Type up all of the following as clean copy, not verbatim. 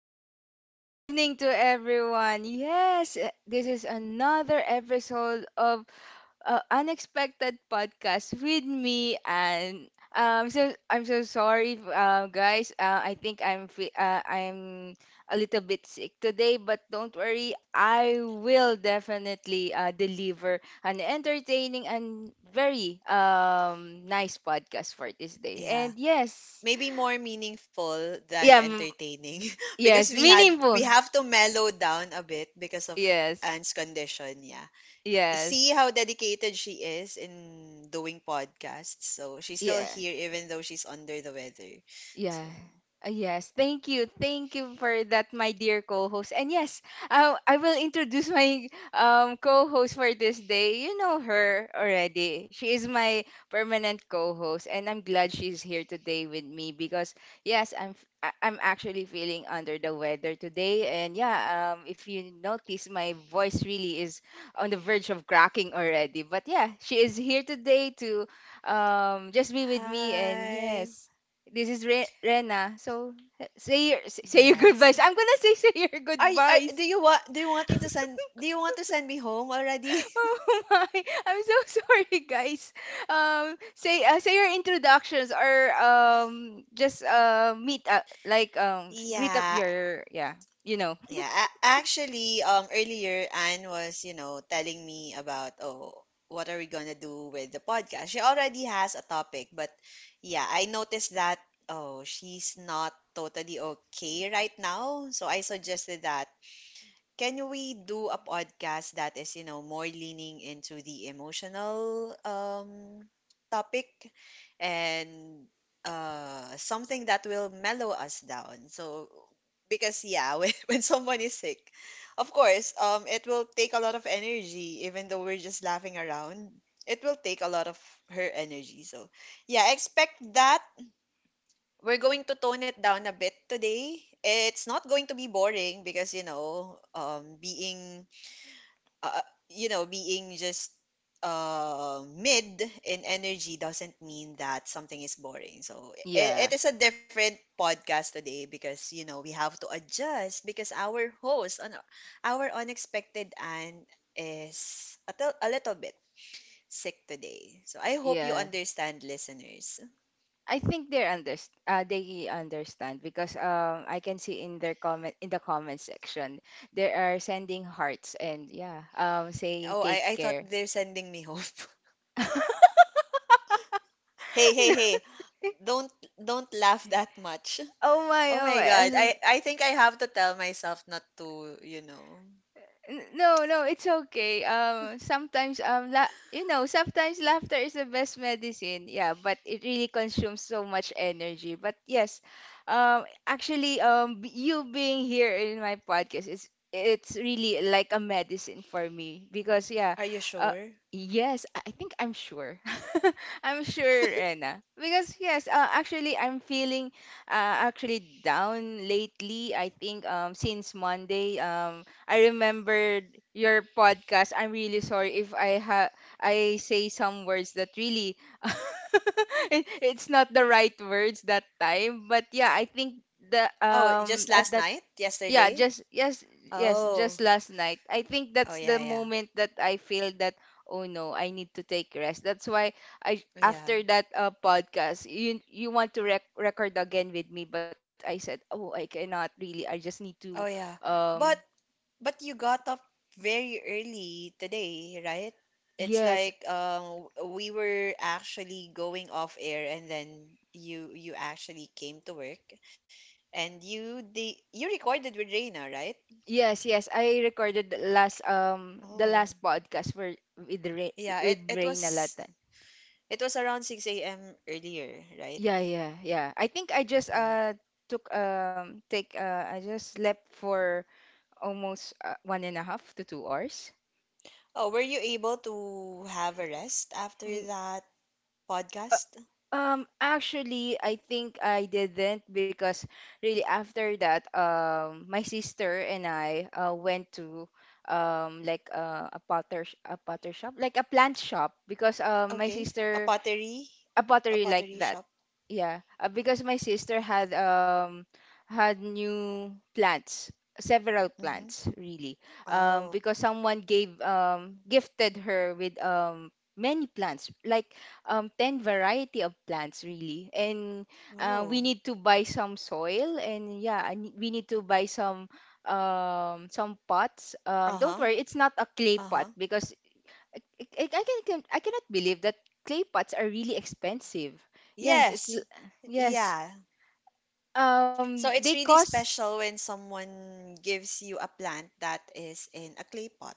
and good evening to everyone. Yes, this is another episode of Unexpected Podcast with me. And so I'm so sorry, guys. I think I'm a little bit sick today, but don't worry, I will definitely deliver an entertaining and very nice podcast for this day. And Yeah. yes, Maybe more meaningful than yeah, entertaining because yes, we had we meaningful. have to mellow down a bit because of Yes. Anne's condition, yeah. See Yes. how dedicated she is in doing podcasts. So she's still Yeah. here even though she's under the weather. Yeah. So Yes, thank you. Thank you for that, my dear co-host. And yes, I will introduce my co-host for this day. You know her already. She is my permanent co-host, and I'm glad she's here today with me because yes, I'm actually feeling under the weather today. And yeah, if you notice, my voice really is on the verge of cracking already. But yeah, she is here today to just be with me. And hi. yes, this is Rena. So say your say your Yes. goodbyes. I'm gonna say say your Are, y- are goodbyes. Do you want me to send Do you want to send me home already? Oh my! I'm so sorry, guys. Say say your introductions, or just meet up, like greet up Yeah. your, yeah, you know. Yeah, actually, earlier Anne was telling me about, oh, what are we gonna do with the podcast? She already has a topic, but yeah, I noticed that, oh, she's not totally okay right now, so I suggested that can we do a podcast that is more leaning into the emotional topic and something that will mellow us down? So, because yeah, when someone is sick, of course, it will take a lot of energy, even though we're just laughing around. It will take a lot of her energy. So, yeah, expect that we're going to tone it down a bit today. It's not going to be boring because being being just mid in energy doesn't mean that something is boring. So Yeah, it is a different podcast today because we have to adjust because our host on our unexpected and is a little bit sick today. So I hope you yeah. understand listeners. I think they understand because I can see in their comment section they are sending hearts, and yeah, saying Oh, take I thought care. they're sending me home. Hey, hey, No. hey. Don't laugh that much. Oh my, Oh oh my my. I'm God. so— I think I have to tell myself not to. No, it's okay. Sometimes you know, sometimes laughter is the best medicine. Yeah, but it really consumes so much energy. But yes, actually, you being here in my podcast is— it's really like a medicine for me because yeah, Are you uh, sure? yes, I think I'm sure. I'm sure, Rena, because yes, actually, I'm feeling actually down lately. I think since Monday. I remembered your podcast. I'm really sorry if I ha— I say some words that really— it, it's not the right words that time. But yeah, I think the Oh, just um last at that night? yeah, Yesterday? just yes, yes, Oh. just last night. I think Oh that's yeah, the yeah. moment that I feel that, oh no, I need to take rest. That's why I— Yeah. after that podcast, you want to record again with me, but I said, "Oh, I cannot really. I just need to Oh yeah. um—" But but you got up very early today, right? It's Yes. like we were actually going off air and then you actually came to work and you recorded with Reina, right? Yes, yes. I recorded the last um, the Oh. last podcast where with Rain, Yeah, it with it Rain a lot. was it was around 6 a.m. earlier, right? Yeah, yeah, yeah. I think I just Oh. Took take I just slept for almost 1.5 to 2 hours. Oh, were you able to have a rest after Mm, that uh, podcast? um, actually, I think I didn't, because really after that, my sister and I went to um, like a potter shop, like a plant shop, because um, my Okay. A sister— pottery, a a pottery like pottery that. shop. Yeah, because my sister had had new plants, several Mm-hmm. plants really. Oh. Because someone gave gifted her with um, many plants, like um, 10 variety of plants really. And we Oh. need to buy some soil, and yeah, we need to buy some um, some pots. Um, don't Uh-huh. worry, it's not a clay pot Uh-huh. because I, I can— I cannot believe that clay pots are really expensive. Yes, Yes. Yes. Yeah. So They it's really cost. special when someone gives you a plant that is in a clay pot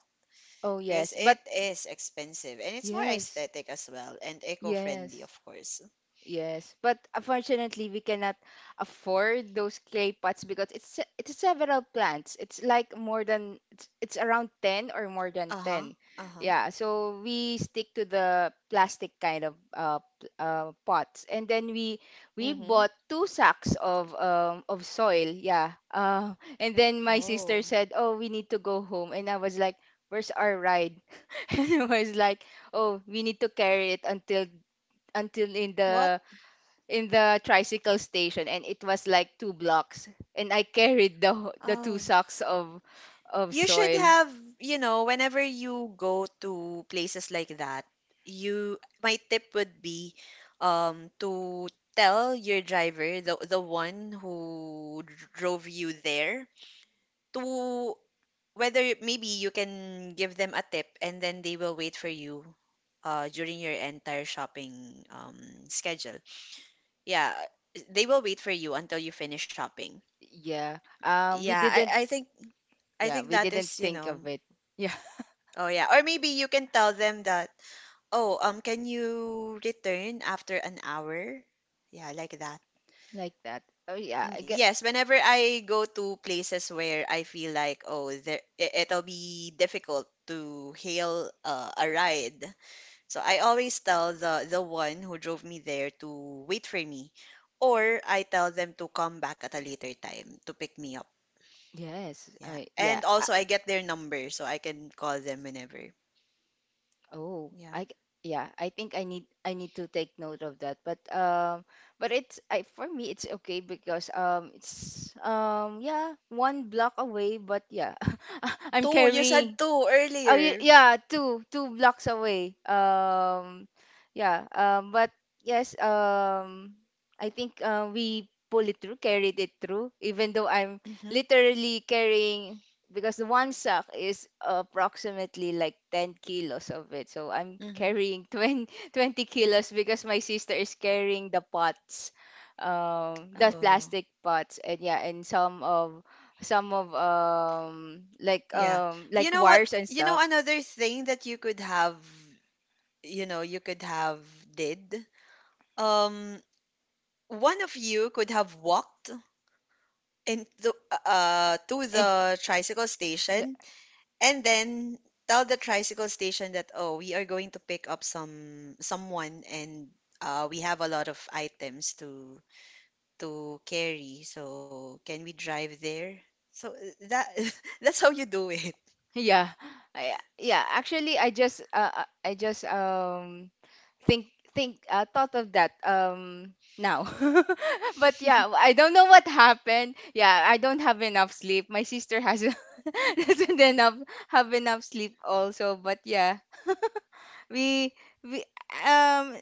Oh because yes, but it is expensive and it's more yes, aesthetic as well and eco-friendly, yes. of course. Yes, but unfortunately, we cannot afford those clay pots because it's several plants. It's like more than— it's around 10 or more than Uh-huh. 10. Uh-huh. Yeah, so we stick to the plastic kind of pots. And then we Mm-hmm. bought two sacks of um, of soil. Yeah. And then my sister Oh. said, "Oh, we need to go home." And I was like, "Where's our ride?" And I was like, "Oh, we need to carry it until— until in What? the— in the tricycle station," and it was like two blocks, and I carried the the two Oh. sacks of You should soil. have, you know, whenever you go to places like that, you my tip would be to tell your driver, the one who drove you there, to maybe you can give them a tip and then they will wait for you during your entire shopping schedule. Yeah, they will wait for you until you finish shopping. Yeah. Um, Yeah, we I didn't— I think I yeah, think we that didn't is, you think of know, it. Yeah, Oh yeah. Or maybe you can tell them that, oh, can you return after an hour? Yeah, like that. like that. Oh yeah, I Mm, get— yes, whenever I go to places where I feel like, oh, there, it'll be difficult to hail a ride. So I always tell the one who drove me there to wait for me, or I tell them to come back at a later time to pick me up. yes. Yeah, I, yeah. and I, also I get their number so I can call them whenever. oh, Yeah. I g— yeah, I think I need— I need to take note of that. But um, but it's— I, for me it's okay because um, it's um, yeah, one block away, but yeah. I'm 2, you said carrying— 2 oh earlier. yeah, two blocks away. Yeah. But yes. I think we pulled it through, carried it through, even though I'm Mm-hmm. literally carrying— because the one sack is approximately like 10 kilos of it. So I'm Mm-hmm. carrying 20 20 kilos because my sister is carrying the pots, the Oh, plastic pots, and yeah, and some of— some of um, like yeah. um, You like know what? wires and You know stuff. another thing that you could have did. Um, One of you could have walked into to And the tricycle y- station and then tell the tricycle station that oh, we are going to pick up someone and we have a lot of items to carry. So can we drive there? So that that's how you do it. yeah, I, yeah, actually I just um think think thought of that um, now. But yeah, I don't know what happened. Yeah, I don't have enough sleep, my sister has doesn't enough have enough sleep also. But yeah, we we um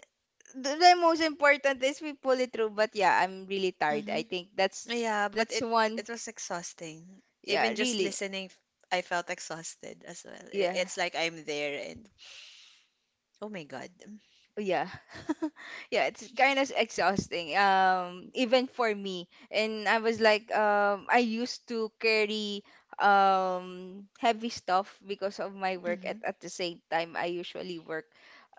the most important is we pull it through. But yeah, I'm really tired. I Hmm. think that's— Yeah, but that's it one— it was exhausting. yeah, Even just really. listening, I felt exhausted as well. Yeah. It's like I'm there and oh my God. Yeah. Yeah, it's kind of exhausting. Even for me. And I was like, I used to carry um, heavy stuff because of my work. At Mm-hmm. The same time, I usually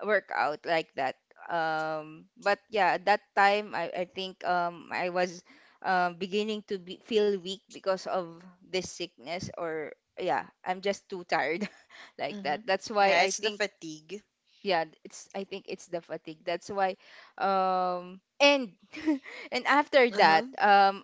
work out like that. But yeah, that time I think um, I was um, beginning to be— feel weak because of this sickness, or yeah, I'm just too tired. Like Mm-hmm. that. That's why Yeah, I it's the think— fatigue. yeah, it's— I think it's the fatigue, that's why. Um, and and after that, Uh-huh. um,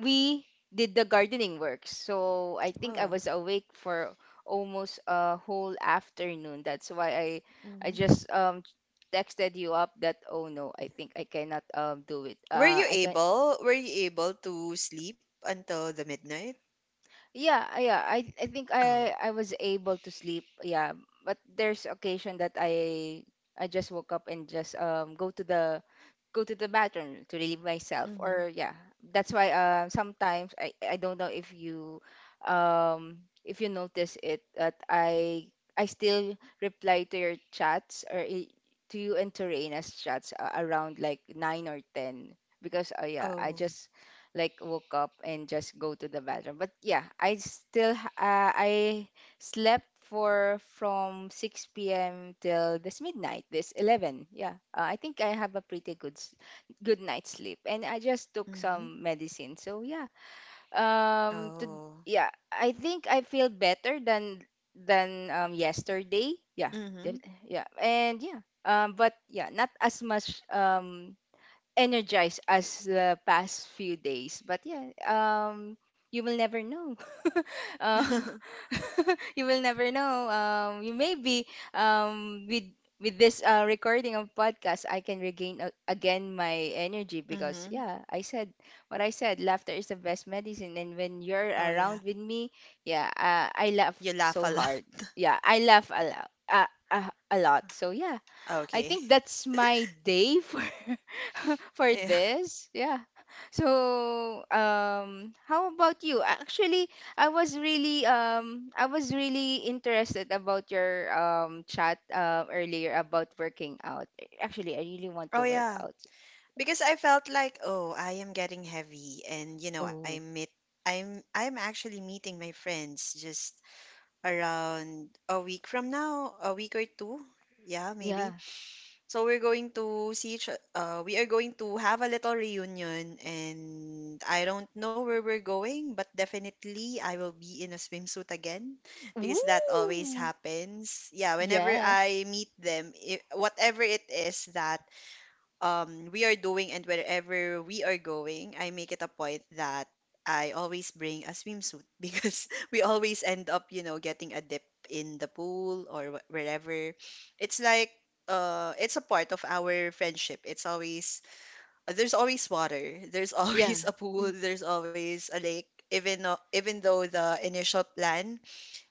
we did the gardening work, so I think I Oh. was awake for almost a whole afternoon, that's why i— I Mm-hmm. just um, texted you up that, oh no, I think I cannot um, do it, uh, I can— Were you able to sleep until the midnight? Yeah, yeah. I think I Oh. I was able to sleep. Yeah, but there's occasion that I— I just woke up and just um, go to the— go to the bathroom to relieve myself. Mm-hmm. Or yeah, that's why uh, sometimes I— I don't know if you um, if you notice it that I— I still reply to your chats or, to you and to Torrena's chats around like 9 or 10, because yeah, I Oh. just like woke up and just go to the bathroom. But yeah, I still I slept for— from 6 p.m. till this midnight, this 11. Yeah, I think I have a pretty good good night's sleep, and I just took Mm-hmm. some medicine. So yeah, to— Oh. yeah, I think I feel better than— than um, yesterday. Yeah, Mm-hmm. Yeah, and yeah. But yeah, not as much. Energized as the past few days. But yeah, you will never know. Uh, you will never know. You maybe um, with— with this recording of podcast, I can regain again my energy, because Mm-hmm. yeah, I said what I said. Laughter is the best medicine, and when you're Oh yeah. around with me, yeah, I laugh You laugh so a lot. hard. Yeah, I laugh a lot. A lot. So yeah, I Okay. think that's my day for for Yeah. this. Yeah. So, how about you? Actually, I was really interested about your um, chat um, earlier about working out. Actually, I really want Oh to work yeah. out. Because I felt like, oh, I am getting heavy and I Oh, meet I'm I'm actually meeting my friends just around a week from now, a week or two. Yeah, yeah. maybe. We are going to have a little reunion and I don't know where we're going, but definitely I will be in a swimsuit again because that always Ooh. happens. Yeah, whenever Yeah. I meet them, I whatever it is that we are doing and wherever we are going, I make it a point that I always bring a swimsuit because we always end up getting a dip in the pool or wherever. It's like it's a part of our friendship. It's always There's always water, there's Yeah. always a pool, Mm, there's always a lake. Even though the initial plan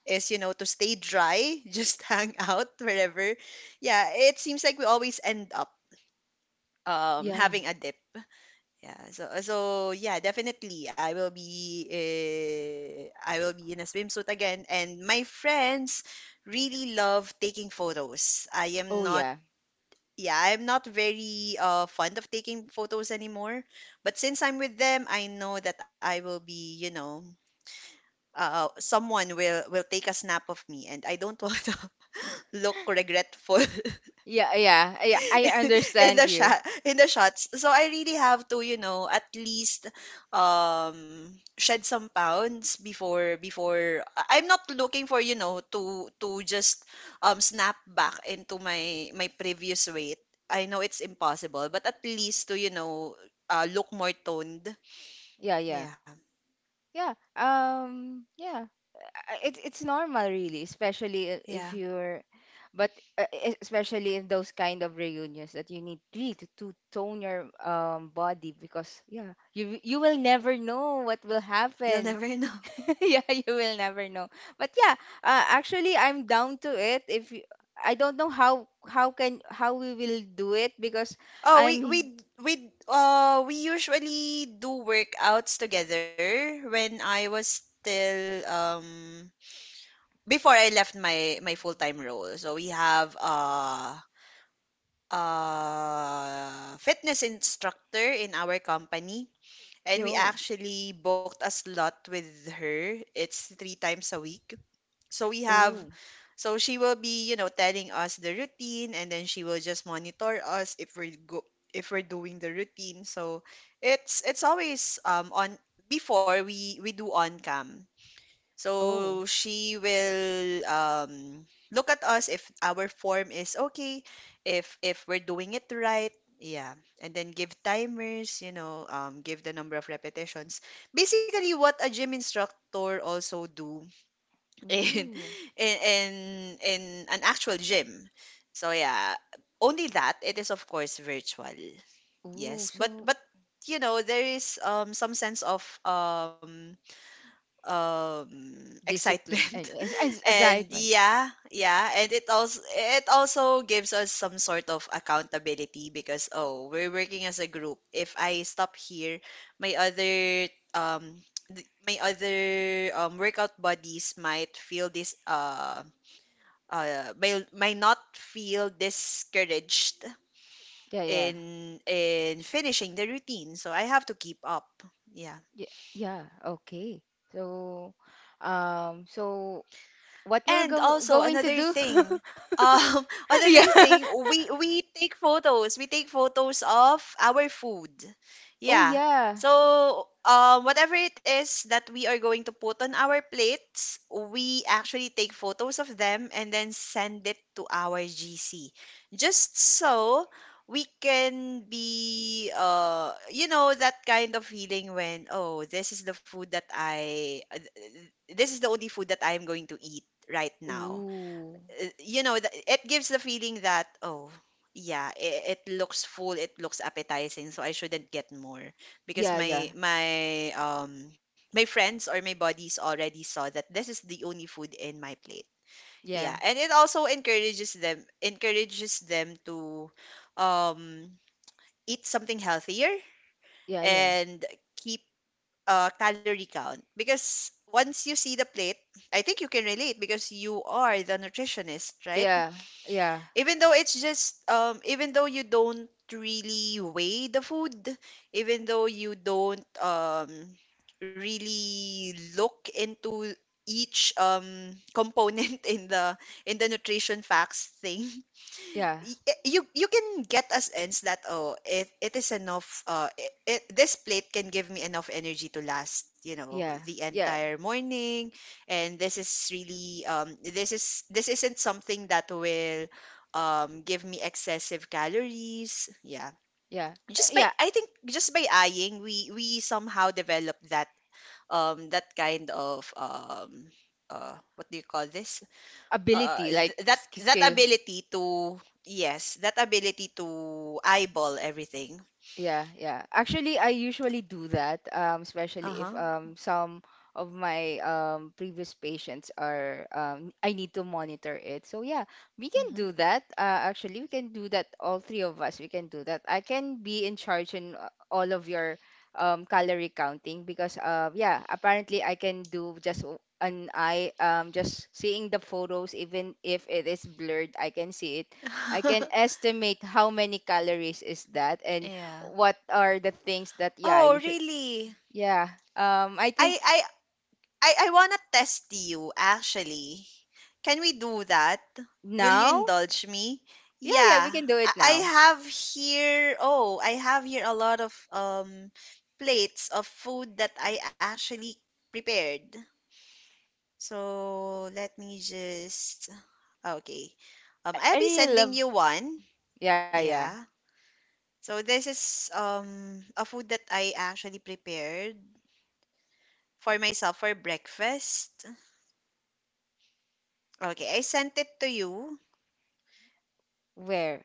is to stay dry, just hang out wherever. Yeah, it seems like we always end up yeah. having a dip, yeah, so yeah, definitely I will be in a swimsuit again and my friends really love taking photos. Oh, yeah. I'm not very fond of taking photos anymore, but since I'm with them, I know that I will be, you know, someone will take a snap of me and I don't want to look regretful Yeah, yeah. Yeah, I in the understand you. shot in the shots. So I really have to, at least shed some pounds before I'm not looking for, to just snap back into my previous weight. I know it's impossible, but at least to look more toned. Yeah, yeah. Yeah. Yeah, yeah. It's— it's normal really, especially if Yeah. you're— but especially in those kind of reunions that you need really to— to tone your um, body, because yeah, you— you will never know what will You'll never happen. know. Yeah, you will never know. But yeah, actually I'm down to it if you— I don't know how— how can how we will do it because Oh, we I'm— we we uh we usually do workouts together when I was still before I left my full-time role. So we have a fitness instructor in our company and we oh, actually booked a slot with her. It's three times a week. So we have oh, so she will be, telling us the routine and then she will just monitor us if we're doing the routine. So it's always on before we do on cam. oh, So she will look at us if our form is okay, if we're doing it right, yeah, and then give timers, give the number of repetitions. Basically, what a gym instructor also do in ooh, in in, in an actual gym. So yeah, only that it is, of course, virtual. ooh, Yes, but so, but there is some sense of um discipline and excitement and excitement, yeah and it also gives us some sort of accountability because oh, we're working as a group. If I stop here, my other um th- my other workout buddies might feel this may not feel discouraged yeah, yeah, in finishing the routine, so I have to keep up. Yeah. yeah, yeah, okay, so, um, so what will And go also going to another do— thing, yeah another thing, we take photos. We take photos of our food. oh Yeah. yeah, So, whatever it is that we are going to put on our plates, we actually take photos of them and then send it to our GC. Just so we can be, that kind of feeling when, oh, this is the food that this is the only food that I am going to eat right now. ooh, It gives the feeling that, oh, yeah, it looks full, it looks appetizing, so I shouldn't get more because yeah, yeah, my friends or my buddies already saw that this is the only food in my plate. yeah, Yeah, and it also encourages them to um eat something healthier yeah, yeah, and keep a calorie count because once you see the plate, I think you can relate because you are the nutritionist, right? yeah, yeah, Even though it's just even though you don't really weigh the food, even though you don't really look into each component in the nutrition facts thing, yeah, you can get a sense that, oh, it is enough, this plate can give me enough energy to last yeah, the yeah, entire morning, and this is really this isn't something that will give me excessive calories, yeah, yeah, uh, just by, yeah, I think, just by eyeing we somehow develop that that kind of what do you call this, ability like that that skill. ability to, yes, that ability to eyeball everything. Yeah, yeah. Actually, I usually do that, Uh especially if huh. Some of my previous patients are, I need to monitor it. So, yeah, we can Hmm. do that. Actually, we can do that. All three of us, we can do that. I can be in charge in all of your calorie counting, because, yeah, apparently I can do just an eye, just seeing the photos, even if it is blurred, I can see it. I can estimate how many calories is that, and Yeah. what are the things that, yeah, you Oh, should. really? Yeah. I I think I I wanna test you actually. Can we do that? Will you Now? indulge me? Yeah, yeah, we Yeah, can do it I now. have here. Oh, I have here a lot of plates of food that I actually prepared. So let me just Okay. I I'll be really sending love. you one. Yeah, yeah. Yeah. So this is a food that I actually prepared for myself for breakfast. Okay, I sent it to you. Where?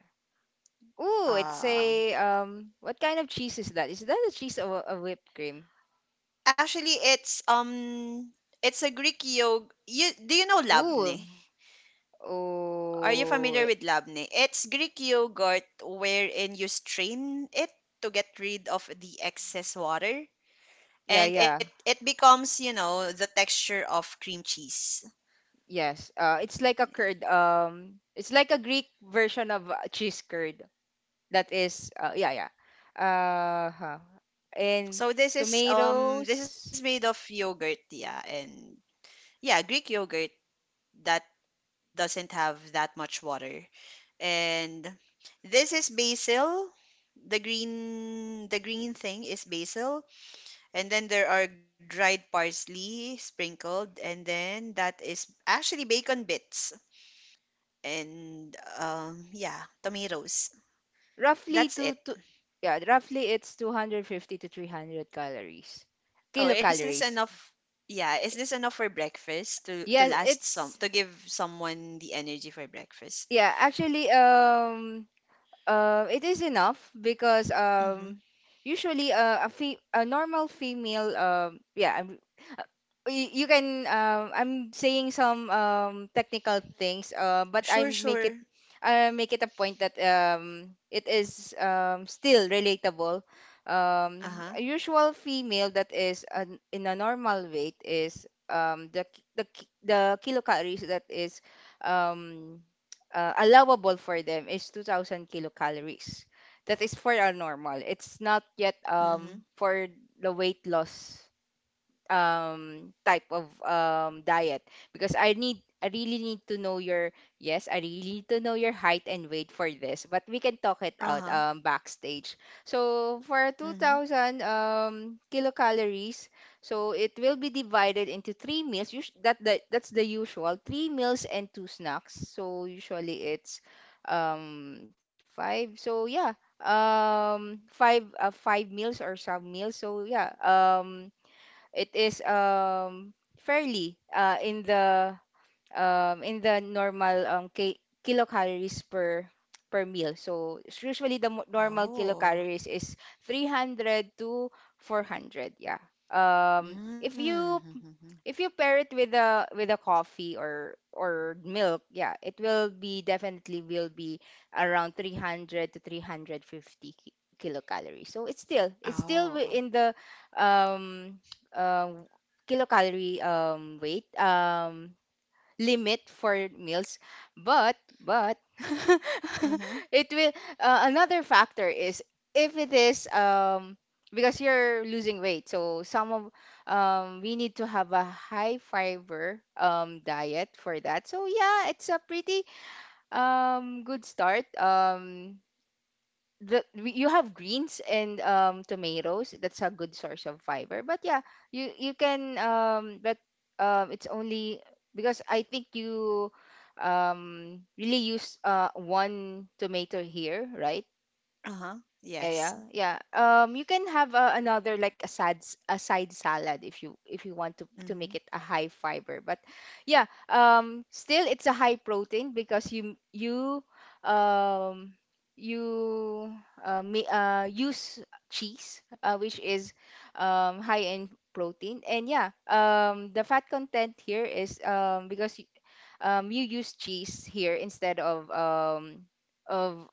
Ooh, it's Uh, a what kind of cheese is that? Is that a cheese or a whipped cream? actually, it's it's a Greek yog. You do you know Ooh. labne? Are you Oh. familiar with labne? It's Greek yogurt wherein you strain it to get rid of the excess water Yeah, and yeah. it becomes the texture of cream cheese. Yes, it's like a curd. It's like a Greek version of cheese curd. That is yeah, yeah. Uh huh. And So this is this is tomatoes. made of yogurt, yeah, and yeah, Greek yogurt that doesn't have that much water. And this is basil. The green thing is basil, and then there are dried parsley sprinkled, and then that is actually bacon bits and yeah, tomatoes. Roughly That's two it. to Yeah, roughly it's 250 to 300 calories. Oh, is this Kilocalories. enough? Yeah, is this enough for breakfast to Yes, last some it's, to give someone the energy for breakfast? yeah, actually, it is enough because, Mm-hmm. Usually, a normal female, yeah, uh, you can, I'm saying some technical things, but I Sure, make sure. it, I make it a point that, it is, still relatable. Uh-huh. A usual female that is in a normal weight is, the kilocalories that is, um, allowable for them is 2000 kilocalories. That is for a normal. It's not yet, Mm-hmm. For the weight loss type of diet because I really need to know your, yes, I really need to know your height and weight for this, but we can talk it out Uh-huh. Backstage. So for Mm-hmm. 2000 kilocalories, so it will be divided into three meals. That's the usual, three meals and two snacks. So usually it's five. So yeah, five meals or some meals. So yeah, it is fairly in the, in the normal, ki kilocalories per, per meal. So it's usually the normal Oh. kilocalories is 300 to 400. Yeah. If you, Mm-hmm. if you pair it with a, with a coffee or milk, yeah, it will be definitely will be around 300 to 350 ki- kilocalories. So it's still, it's still Oh. in the, um, um kilocalorie weight, limit for meals. But Mm-hmm. it will, another factor is, if it is, because you're losing weight, so some of, we need to have a high fiber diet for that. So yeah, it's a pretty good start. You have greens and tomatoes. That's a good source of fiber. But yeah, you can but it's only because I think you really use one tomato here, right? Uh-huh. Yeah, yeah, Yes. yeah. You can have another like a side salad if you, if you want to Mm-hmm. make it a high fiber. But yeah, still it's a high protein because um you use cheese, which is high in protein. And yeah, the fat content here is, because you use cheese here instead of of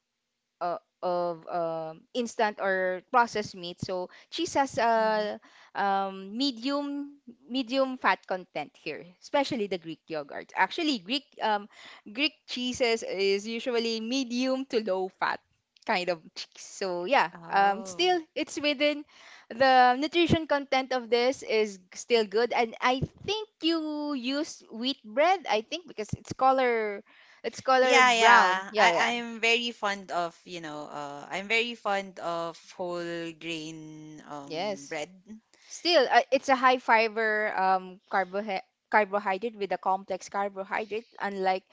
instant or processed meat. So cheese has Mm-hmm. a, medium, medium fat content here, especially the Greek yogurt. Actually, Greek cheeses is usually medium to low fat kind of cheese. So yeah, Oh. still it's within the nutrition content of this is still good. And I think you use wheat bread, I think, because it's color, it's color Yeah, brown. yeah. Yeah, yeah, I'm very fond of, I'm very fond of whole grain yes. bread. Still, it's a high fiber carbohydrate, carbohydrate, with a complex carbohydrate, unlike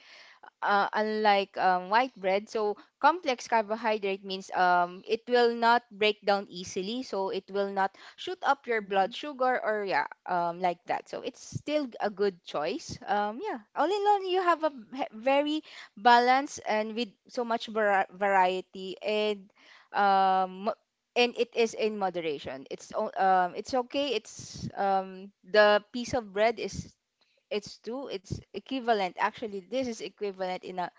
unlike, white bread. So complex carbohydrate means, it will not break down easily, so it will not shoot up your blood Mm-hmm. sugar, or yeah, like that. So it's still a good choice. Yeah, all in all, you have a very balanced, and with so much variety, and um, mo- and it is in moderation. It's okay. It's, the piece of bread is, it's equivalent. Actually, this is equivalent in a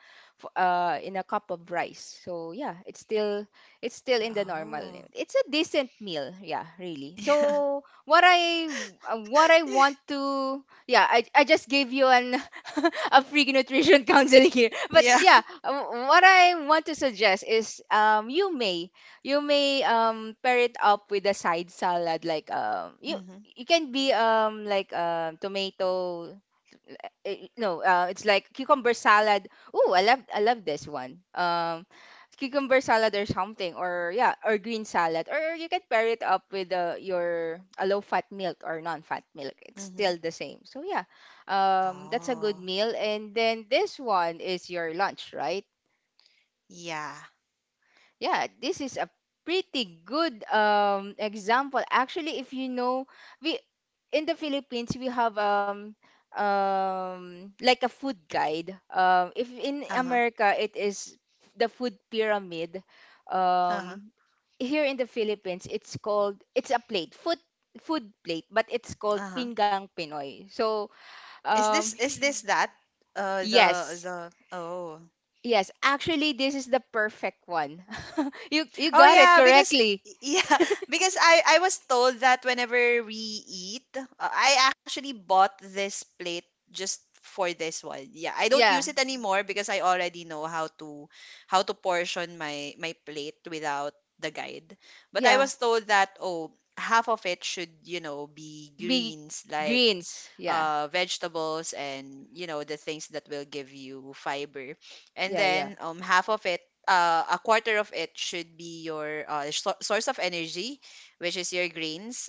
in a cup of rice. So yeah, it's still, it's still in the normal Oh. limit. It's a decent meal. Yeah, really. So what I, what I Yeah. want to, yeah, I just gave you an a free nutrition counsel here. But Yeah. yeah, what I want to suggest is, you may, you may pair it up with a side salad, like you, Mhm. you can be like tomato, eh, no, it's like cucumber salad. Ooh, I love, I love this one. Cucumber salad or something, or yeah, or green salad, or you can pair it up with your, a low-fat milk or non-fat milk. It's Mhm. still the same. So yeah, that's a good Oh. meal. And then this one is your lunch, right? Yeah. Yeah, this is a pretty good example. Actually, if you know, we in the Philippines we have like a food guide. If in Uh-huh. America it is the food pyramid. Uh-huh. Um, here in the Philippines it's called, it's a plate food food plate, but it's called Uh-huh. Pinggang Pinoy. So Is this um is this that? Uh the yes. the oh. Yes, actually this is the perfect one. You Oh got it yeah, because correctly. yeah, because I was told that whenever we eat, I actually bought this plate just for this one. Yeah, I don't use Yeah, it anymore because I already know how to portion my plate without the guide. But I yeah. was told that oh, half of it should, you know, be Big greens like greens. Yeah, vegetables and you know the things that will give you fiber. And yeah, yeah, then half of it a quarter of it should be your source of energy, which is your grains,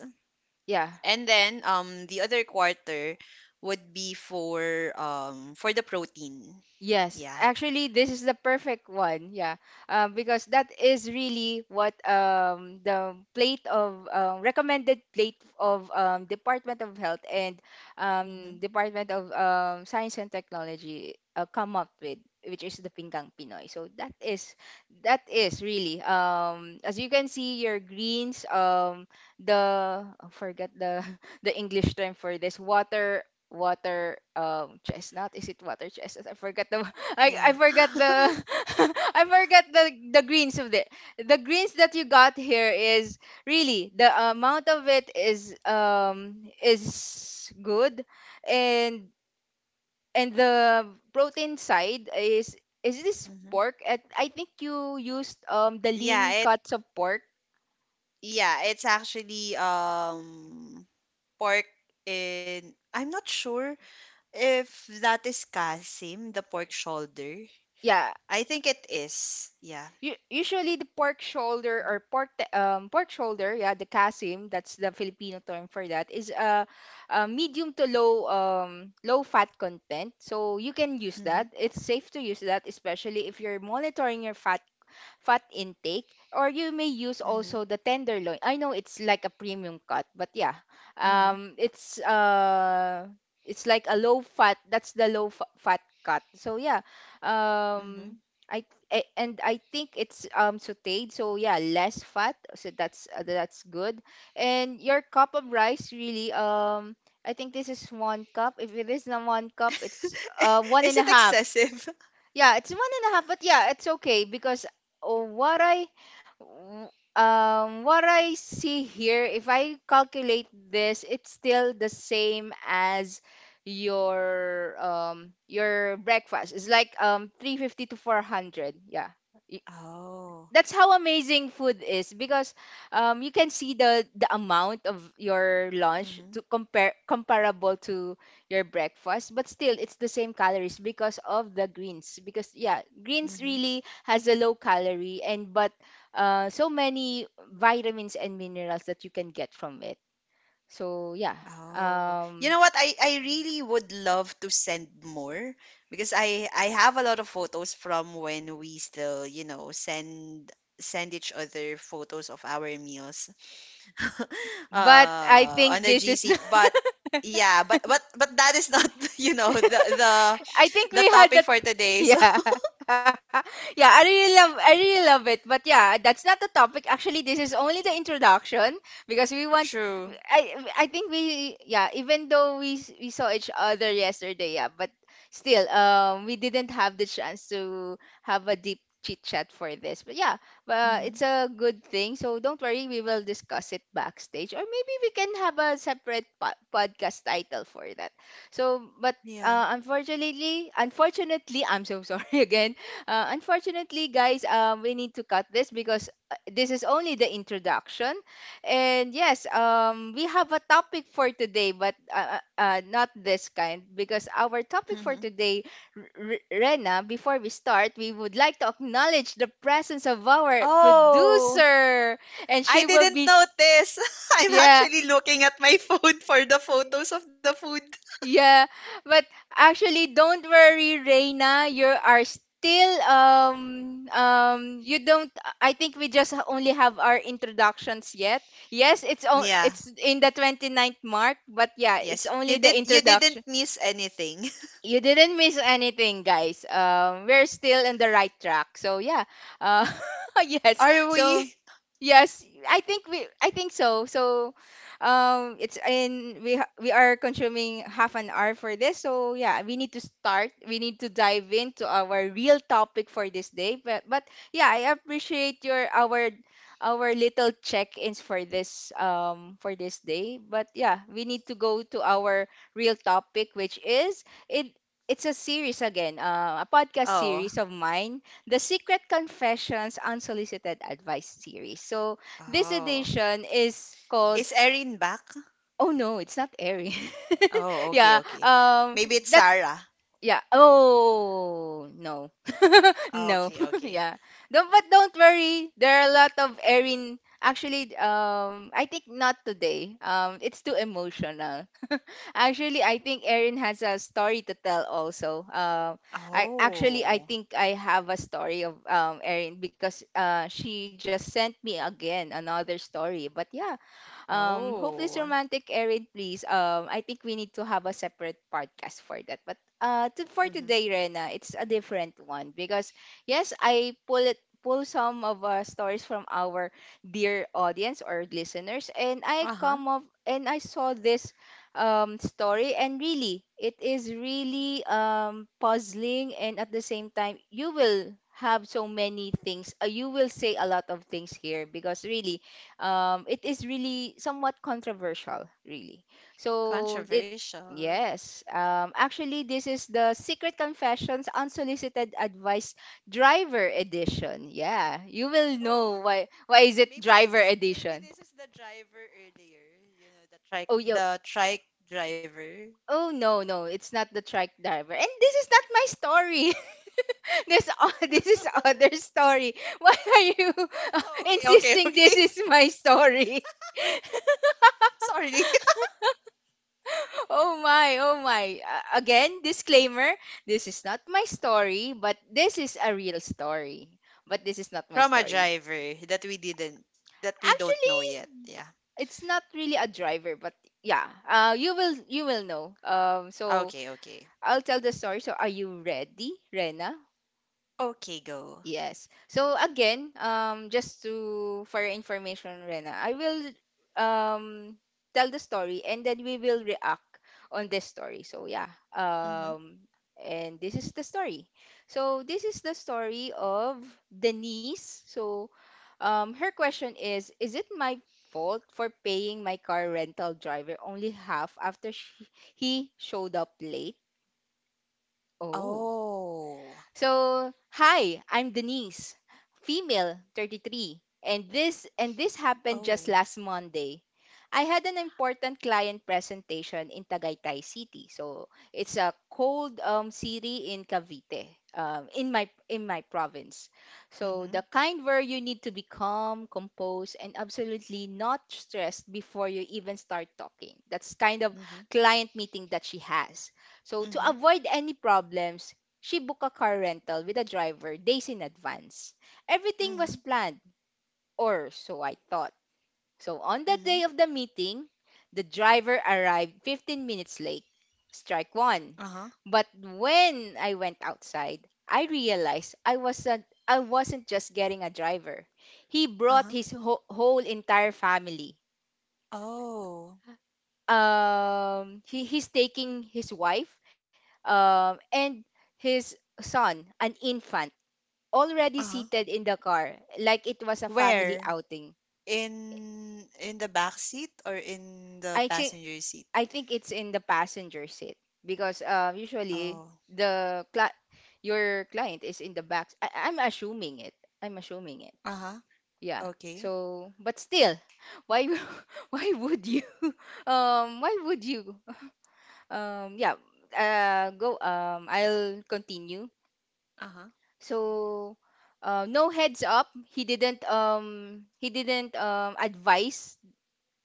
yeah. and then the other quarter would be for the protein. Yes, Yeah. actually, this is the perfect one. Yeah, because that is really what, the plate of, recommended plate of, Department of Health and, Hmm. Department of, Science and Technology come up with, which is the Pinggang Pinoy. So that is, that is really, as you can see, your greens, the, I forget the the English term for this, water, water chestnut, is it water chestnut? I forgot the I Yeah. forgot the I forgot the greens of the greens that you got here is really, the amount of it is, is good. and and the protein side is this Hmm. pork? At I think you used the Yeah. lean It. cuts of pork. Yeah. It's actually pork in. I'm not sure if that is kasim, the pork shoulder. Yeah. I think it is. Yeah. U Usually the pork shoulder or pork shoulder, yeah, the kasim, that's the Filipino term for that, is a medium to low, low fat content. So you can use Mm-hmm. that. It's safe to use that, especially if you're monitoring your fat, fat intake. Or you may use Mm-hmm. also the tenderloin. I know it's like a premium cut, but yeah. Mm-hmm. Um it's uh it's like a low fat. That's the fat cut. So yeah. Mm-hmm. Um I and I think it's sautéed. So yeah, less fat. So that's good. And your cup of rice really, I think this is one cup. If it is not one cup, it's one and Is a it half. excessive? Yeah, it's one and a half, but yeah, it's okay because, uh, what I w- what I see here, if I calculate this, it's still the same as your, your breakfast. It's like 350 to 400. Yeah, Oh. that's how amazing food is, because, you can see the amount of your lunch to Mhm. compare comparable to your breakfast, but still it's the same calories because of the greens, because yeah, greens Mhm. really has a low calorie, and but so many vitamins and minerals that you can get from it. So yeah, Oh. You um, know what? I really would love to send more because I have a lot of photos from when we still, you know, send each other photos of our meals but I on think the this is GC. But yeah, but that is not, you know, the the I the think we topic had that. for today. So Yeah. Yeah, I really love, I really love it. But yeah, that's not the topic. Actually, this is only the introduction because we want, true. I think we, yeah, even though we saw each other yesterday, yeah, but still we didn't have the chance to have a deep chit chat for this. But yeah, but Mhm. it's a good thing. So don't worry, we will discuss it backstage, or maybe we can have a separate podcast title for that. So, but Yeah. Unfortunately, unfortunately, I'm so sorry again. Unfortunately, guys, we need to cut this because this is only the introduction. And yes, we have a topic for today, but not this kind, because our topic Mhm. for today, R- Rena, before we start, we would like to acknowledge the presence of our Oh. producer, and I she will didn't be, notice. I'm yeah. actually looking at my phone for the photos of the food. Yeah, but actually, don't worry, Reina. You are still. You don't. I think we just only have our introductions yet. Yes, Yeah. it's in the 29th mark, but yeah, Yes, it's you did only the you didn't introduction. miss anything. You didn't miss anything, guys. We're still on the right track. So yeah, uh, yes. Are we? So, yes, I think we, I think so. So it's in we we are consuming half an hour for this. So yeah, we need to start. We need to dive into our real topic for this day. But yeah, I appreciate your, our little check-ins for this, for this day. But yeah, we need to go to our real topic, which is it, it's a series again, a podcast Oh. series of mine, the Secret Confessions Unsolicited Advice series. So this Oh. edition is called… Is Erin back? Oh no, it's not airing. Oh, okay, yeah, okay. um Maybe it's that's Sarah. yeah. Oh, no. Oh, No. okay, okay. Yeah. Don't, but don't worry. There are a lot of Erin. Actually, I think not today. It's too emotional. Actually, I think Erin has a story to tell also. I Oh. think I have a story of Erin because she just sent me again another story. But yeah, hopeless Oh. romantic Erin, please. I think we need to have a separate podcast for that. But for Mhm. today, Rena, it's a different one because yes, I pull some of stories from our dear audience or listeners, and I Uh-huh. come up and I saw this story, and really, it is really puzzling, and at the same time, you will have so many things. You will say a lot of things here because really it is really somewhat controversial, really. So it, Controversial. yes, actually, this is the Secret Confessions Unsolicited Advice Driver Edition. Yeah, you will Oh. know why. Why is it Maybe this Driver is maybe Edition? this is the driver earlier, you know, the trike Oh yo. the trike driver. Oh no, it's not the truck driver. And this is not my story. This is other story. Why are you Oh, okay, okay, insisting okay. this is my story? Sorry. Oh my, oh my. Again, disclaimer, this is not my story, but this is a real story. But this is not my From a story. driver that we didn't that we don't know yet. Actually, Yeah. it's not really a driver, but yeah, you will know. Um, Okay, so okay. I'll tell the story. So are you ready, Rena? Okay, go. Yes. So again, just to for your information, Rena, I will um tell the story and then we will react on this story. So yeah. Mhm. And this is the story. So this is the story of Denise. So, her question is it my fault for paying my car rental driver only half after he showed up late? Oh. Oh. So, hi, I'm Denise, female, 33, and this happened just Oh. last Monday. I had an important client presentation in Tagaytay City. So, it's a cold city in Cavite, in my province. So, the Mhm. kind where you need to be calm, composed, and absolutely not stressed before you even start talking. That's kind of Mhm. client meeting that she has. So, to Mhm. avoid any problems, she booked a car rental with a driver days in advance. Everything was Mhm. planned, or so I thought. So on the day Mhm. of the meeting, the driver arrived 15 minutes late. Strike one. Uh-huh. But when I went outside, I realized I wasn't just getting a driver. He brought Uh-huh. his whole entire family. Oh. He's taking his wife, and his son, an infant already Uh-huh. seated in the car like it was a family Where? outing. In the back seat or in the I think passenger seat? I think it's in the passenger seat because usually Oh. the cli- your client is in the back. I'm assuming it. I'm assuming it. Uh-huh. Yeah. Okay. So, but still, why w- why would you why would you um yeah go I'll continue. Uh-huh. So, no heads up. He didn't advise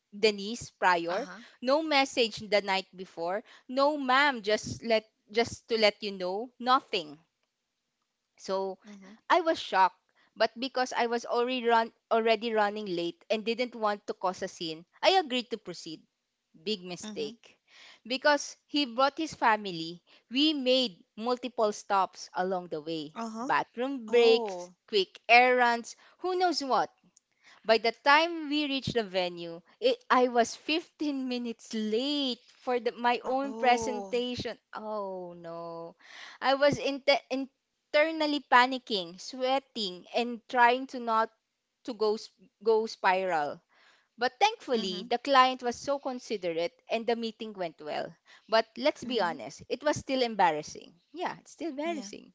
Denise prior. Uh-huh. No message the night before. No, ma'am, just to let you know, nothing. So Mhm. I was shocked, but because I was already running late and didn't want to cause a scene, I agreed to proceed. Big Mhm. mistake. Because he brought his family, we made multiple stops along the way. Uh-huh. Bathroom breaks, Oh. quick errands, who knows what. By the time we reached the venue, I was 15 minutes late for my own Oh. presentation. Oh no. I was internally panicking, sweating, and trying to not to go s- go spiral. But thankfully, Mhm, the client was so considerate and the meeting went well. But let's be mhm, honest, it was still embarrassing. Yeah, it's still yeah. embarrassing.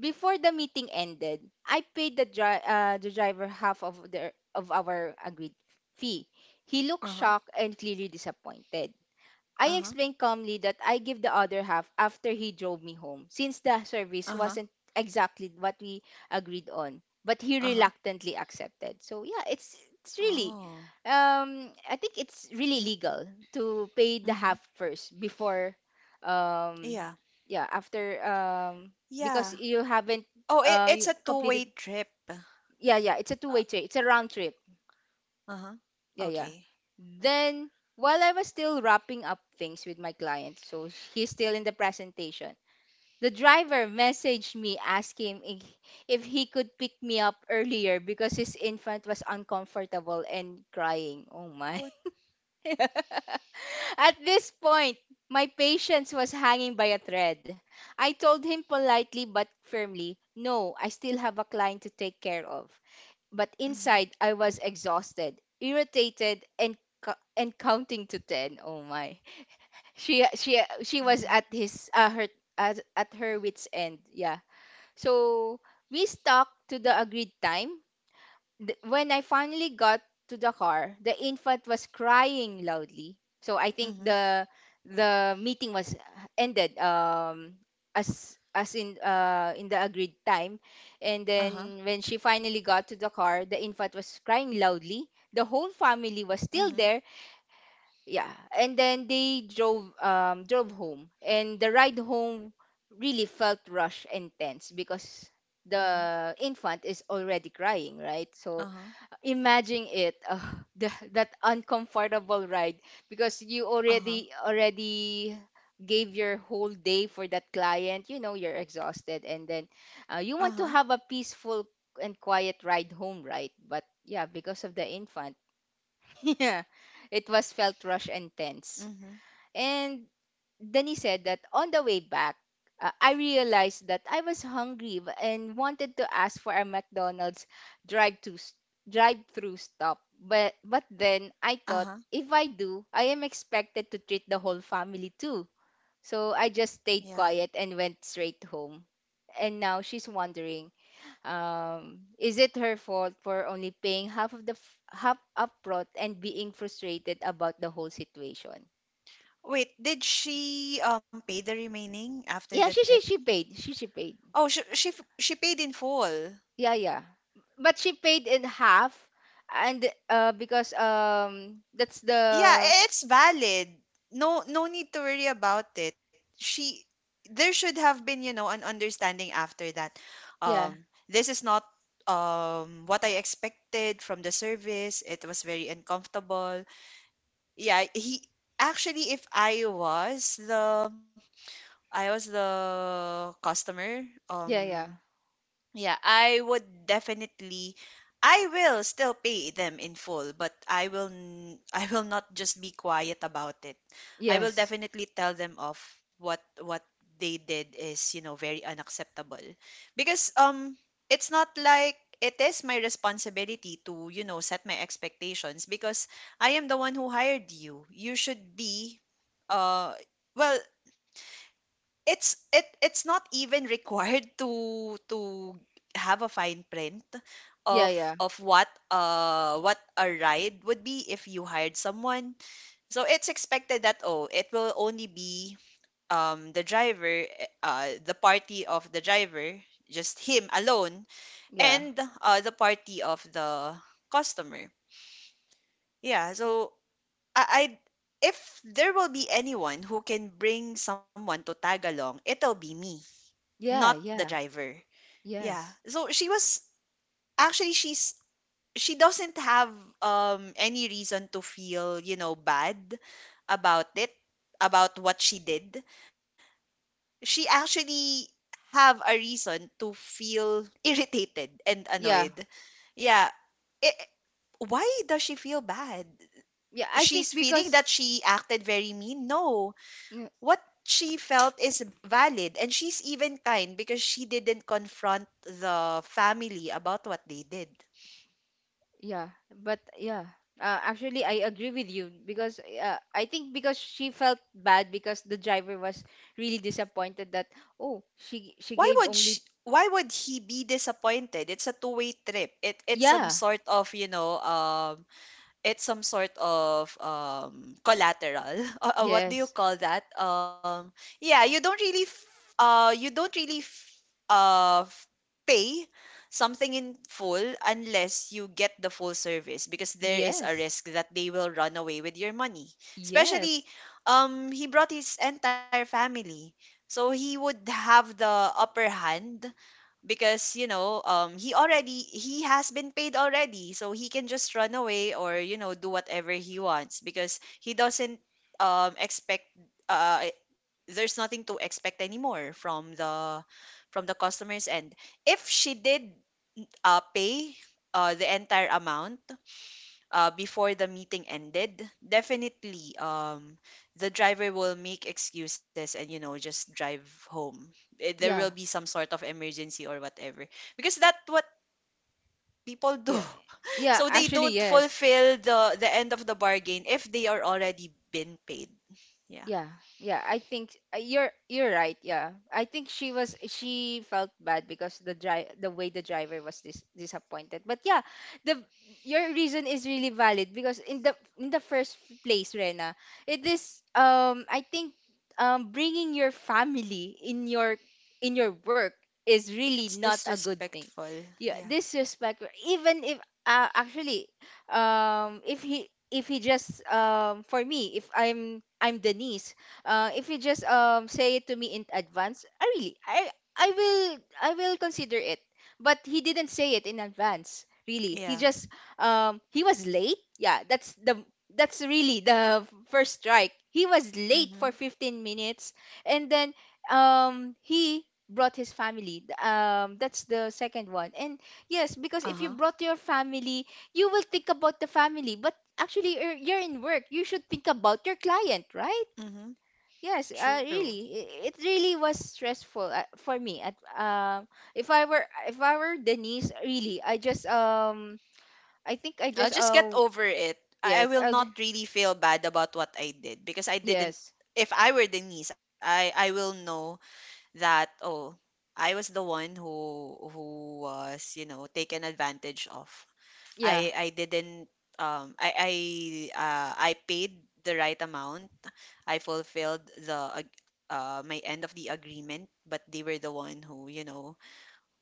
Before the meeting ended, I paid the driver half of, of our agreed fee. He looked Uh-huh, shocked and clearly disappointed. I uh-huh, explained calmly that I give the other half after he drove me home, since the service uh-huh, wasn't exactly what we agreed on. But he uh-huh. reluctantly accepted. So yeah, it's really, Oh, I think it's really legal to pay the half mhm. first before, um, Yeah, yeah, after because yeah. you haven't Oh, it, it's you a completed. two-way trip. Yeah, yeah, it's a two-way trip. It's a round trip. Uh-huh. Yeah, yeah. Okay. Then while I was still wrapping up things with my client, so he's still in the presentation. The driver messaged me asking if he could pick me up earlier because his infant was uncomfortable and crying. Oh my. What? At this point, my patience was hanging by a thread. I told him politely but firmly, "No, I still have a client to take care of." But Mhm, inside, I was exhausted, irritated, and and counting to ten. Oh my! She was mhm, at his her at her wits end. Yeah. So we stuck to the agreed time, when I finally got to the car, the infant was crying loudly. So I think mhm, the meeting was ended as in the agreed time. And uh-huh, then when she finally got to the car, the infant was crying loudly. The whole family was still mhm, there. Yeah. And then they drove home. And the ride home really felt rushed and tense because mhm, the infant is already crying, right? So uh-huh, imagine it that uncomfortable ride because you uh-huh, already gave your whole day for that client, you know, you're exhausted and then you want to uh-huh, have a peaceful and quiet ride home, right? But yeah, because of the infant yeah, it was felt rush and tense. mhm, And then he said that on the way back, I realized that I was hungry and wanted to ask for a McDonald's drive-through drive-through stop. But then I thought uh-huh. if I do, I am expected to treat the whole family too. So I just stayed Yeah. quiet and went straight home. And now she's wondering, is it her fault for only paying half of the f- half upfront and being frustrated about the whole situation? Wait, did she pay the remaining after the Yeah, she trip? she she paid. She paid. Oh, she paid in full. Yeah, yeah. But she paid in half and because that's Yeah, the… it's valid. No no need to worry about it. She there should have been, you know, an understanding after that. Yeah, This is not what I expected from the service. It was very uncomfortable. Yeah, he actually if I was the customer, yeah, yeah. Yeah, I would definitely I will still pay them in full, but I will not just be quiet about it. I will Yes. definitely tell them of what they did is, you know, very unacceptable. Because it's not like it is my responsibility to, you know, set my expectations because I am the one who hired you. You should be uh well it it's not even required to have a fine print Yeah, of yeah. What a ride would be if you hired someone so it's expected that oh it will only be the driver the party of the driver just him alone Yeah. and the party of the customer yeah so I if there will be anyone who can bring someone to tag along it'll be me not Yeah, the yeah. driver. Yeah. Yes. So she was actually she's she doesn't have any reason to feel, you know, bad about it, about what she did. She actually have a reason to feel irritated and Yeah. annoyed. Yeah. I- why does she feel bad? Yeah, I think She's feeling because that she acted very mean? No yeah, what she felt is valid and she's even kind because she didn't confront the family about what they did yeah, but yeah. Actually I agree with you because I think because she felt bad because the driver was really disappointed that oh, she why gave would she only… why would he be disappointed it's a two-way trip it's some Yeah. sort of you know it's some sort of collateral what do you Yes. call that yeah you don't really you don't really uh f- pay something in full unless you get the full service because there is a Yes. risk that they will run away with your money especially Yes. He brought his entire family so he would have the upper hand because you know he already he has been paid already so he can just run away or you know do whatever he wants because he doesn't expect uh there's nothing to expect anymore from the customers and if she did pay the entire amount before the meeting ended, definitely the driver will make excuses and you know just drive home. Eh, there will Yeah. be some sort of emergency or whatever because that's what people do. Yeah. Yeah, So they actually, don't yes. fulfill the end of the bargain if they are already been paid. Yeah, Yeah, yeah. I think you're right. Yeah, I think she felt bad because the way the driver was disappointed. But yeah, the your reason is really valid because in the first place, Rena, it is I think bringing your family in your work is really it's not a good thing. disrespectful. Yeah, Yeah, disrespect. Even if actually if he just for me, if I'm Denise, if he just say it to me in advance, I really I will consider it, but he didn't say it in advance, really. Yeah. He was late. Yeah, that's the… that's really the first strike. He was late for Mhm. 15 minutes, and then he brought his family. That's the second one. And yes, because Uh if you huh. brought your family, you will think about the family, but actually you're in work. You should think about your client, right? Mhm. Yes, True. It really was stressful, for me at… if I were Denise, really, I just I think I I'll just just get over it. I yes, will I'll just… not really feel bad about what I did because I didn't. yes, If I were Denise, I will know that oh, I was the one who was you know taken advantage of. yeah, I didn't I paid the right amount. I fulfilled the my end of the agreement, but they were the one who you know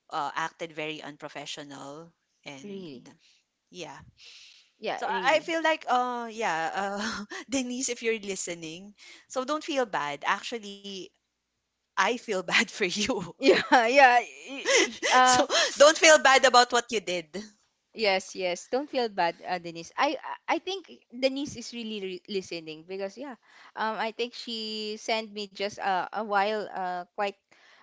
acted very unprofessional and really, yeah so yeah, I feel really. like, Denise, if you're listening, so don't feel bad. Actually, I feel bad for you. yeah yeah y- y- So uh, don't feel bad about what you did. Yes, yes. Don't feel bad, Denise. I think Denise is really listening because yeah, I think she sent me just quite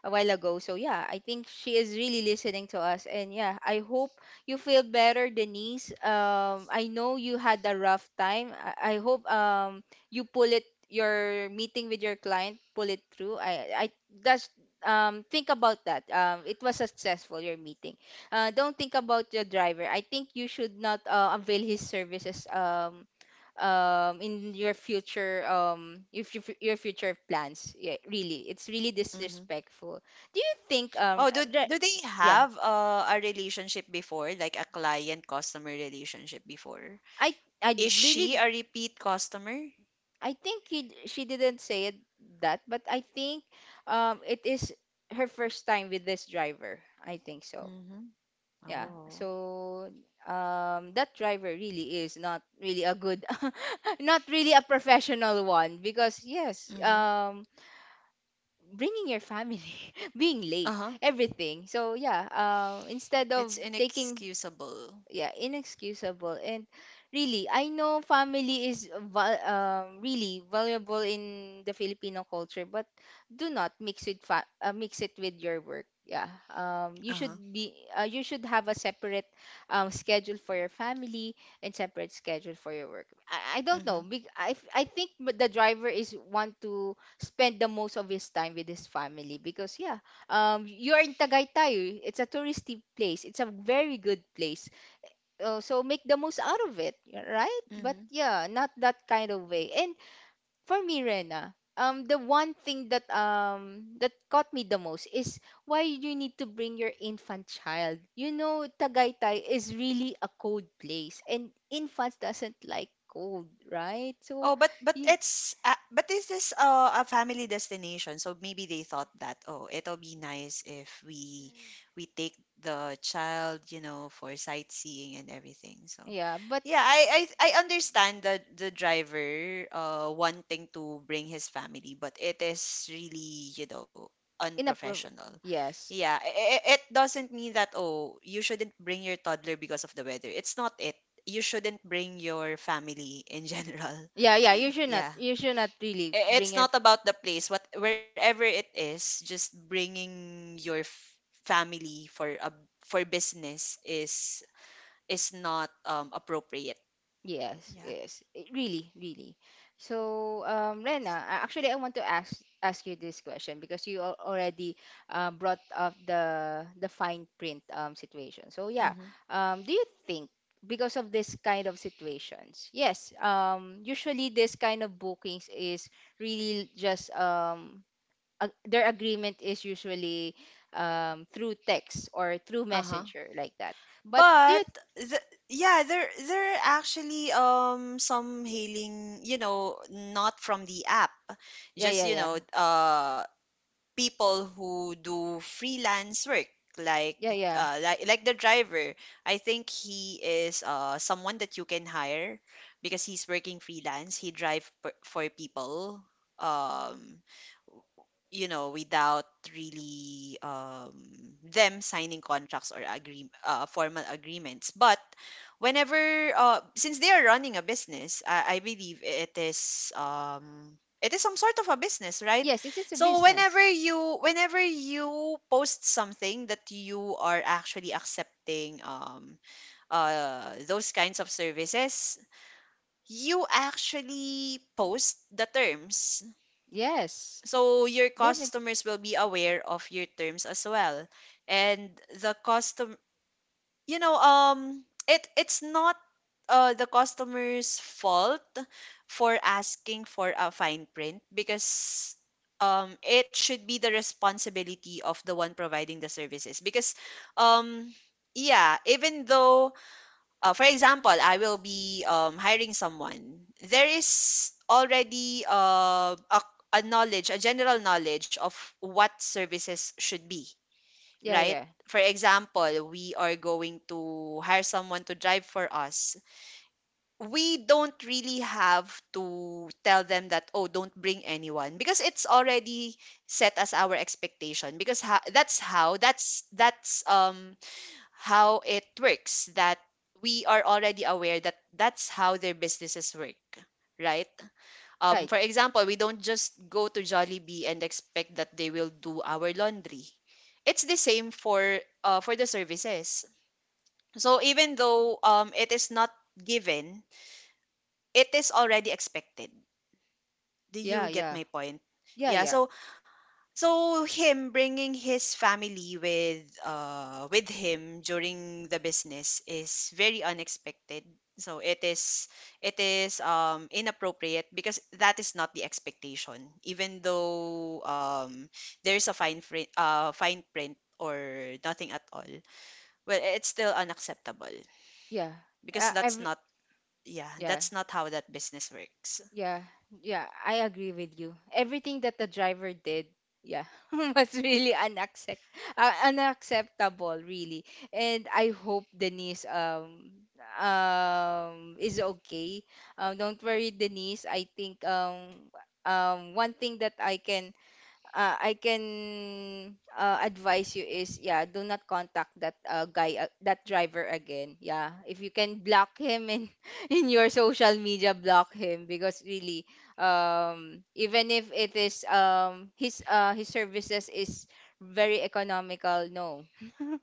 a while ago. So yeah, I think she is really listening to us, and yeah, I hope you feel better, Denise. I know you had a rough time. I hope you pull it your meeting with your client, pull it through. I that's Think about that. It was successful, your meeting. Don't think about your driver. I think you should not avail his services in your future, if your future plans. Yeah, really, it's really Hmm. disrespectful. Do you think Oh, do they yeah, have a relationship before, like a client customer relationship before? I I Is she really a repeat customer? I think she didn't say it that, but I think it is her first time with this driver. I think so. Mm-hmm. Yeah. Oh. So that driver really is not really a good, not really a professional one because Mm-hmm. Bringing your family, being late, Uh-huh. everything. So instead of It's taking inexcusable. yeah, inexcusable. And really, I know really valuable in the Filipino culture, but do not mix it with your work. Yeah you Uh-huh. should be you should have a separate schedule for your family and separate schedule for your work. I don't know Mm-hmm. I think the driver is want to spend the most of his time with his family because you're in Tagaytay. It's a touristy place. It's a very good place, so make the most out of it, right? But Mm-hmm. yeah, not that kind of way. And for me, Rena, the one thing that that caught me the most is why you need to bring your infant child. You know, Tagaytay is really a cold place, and infants doesn't like cold, right? So, Oh, but yeah, it's but this is a family destination, so maybe they thought that oh, it'll be nice if we take the child, you know, for sightseeing and everything. So, yeah, but yeah, I understand the driver wanting to bring his family, but it is really you know in a pro- unprofessional. yes. Yeah, it doesn't mean that oh, you shouldn't bring your toddler because of the weather. It's not it. You shouldn't bring your family in general Yeah, yeah, you should not yeah. you should not really bring It's your not about the place, what wherever it is, just bringing your family for a for business is not appropriate. Yes, Yeah. yes, it really, really. So, Rena, actually, I want to ask you this question because already brought up the fine print situation. So, yeah, Mhm. Do you think, because of this kind of situations, yes, usually this kind of bookings is really just ag their agreement is usually through text or through Uh-huh. messenger like that. But do you, But the, yeah, there there are actually some hailing, you know, not from the app. yeah, Just, yeah, you yeah, know, people who do freelance work like yeah, yeah. Like the driver I think he is someone that you can hire because he's working freelance he for people um you know, without really them signing contracts or agree formal agreements. But whenever, since they are running a business, I believe it is some sort of a business, right? Yes, it is a So business. Whenever you post something that you are actually accepting those kinds of services, you actually post the terms Yes, so your definitely. customers will be aware of your terms as well. And the custom you know, it it's not the customer's fault for asking for a fine print because it should be the responsibility of the one providing the services because um yeah, even though for example, I will be hiring someone. There is already a knowledge, a general knowledge of what services should be, Yeah, right? yeah. For example, we are going to hire someone to drive for us. We don't really have to tell them that, oh, don't bring anyone because it's already set as our expectation. Because ha- that's, how it works, that we are already aware that that's how their businesses work, right? Right. For example, we don't just go to Jollibee and expect that they will do our laundry. It's the same for the services. So even though it is not given, it is already expected. Do Yeah, you get yeah. my point? Yeah, Yeah, yeah. so so him bringing his family with him during the business is very unexpected. So it is it is inappropriate because that is not the expectation. Even though there's a fine print, fine print or nothing at all. Well, it's still unacceptable Yeah. because Uh, that's ev- not, yeah, yeah, that's not how that business works. yeah, yeah. I agree with you. Everything that the driver did, yeah, was really unacceptable, really. And I hope Denise is okay. Don't worry, Denise. I think one thing that I can advise you is yeah, do not contact that guy, that driver again. Yeah, if you can block him in in your social media, block him because really, even if it is his services is very economical, no.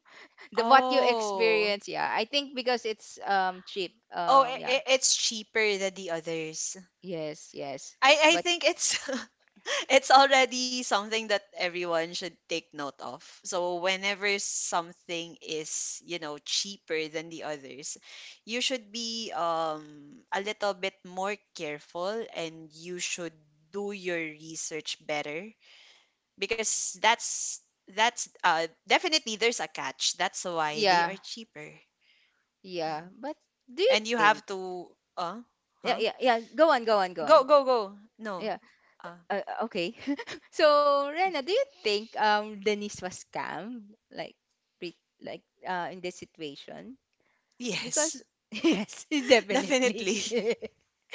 The what you Oh. experience, yeah, I think because it's cheap. Oh, Yeah, it's cheaper than the others. yes, yes, I but think it's it's already something that everyone should take note of. So whenever something is, cheaper than the others, you should be a little bit more careful, and you should do your research better, because that's definitely, there's a catch. That's why they yeah, are cheaper. Yeah. yeah, but do you And you think? have to Yeah, huh? yeah, yeah. Go on, go on, go Go, on. go, go. No. Yeah. Uh, Okay. So, Rena, do you think Denise was scammed like pre like in this situation? yes. Because yes, definitely. Definitely.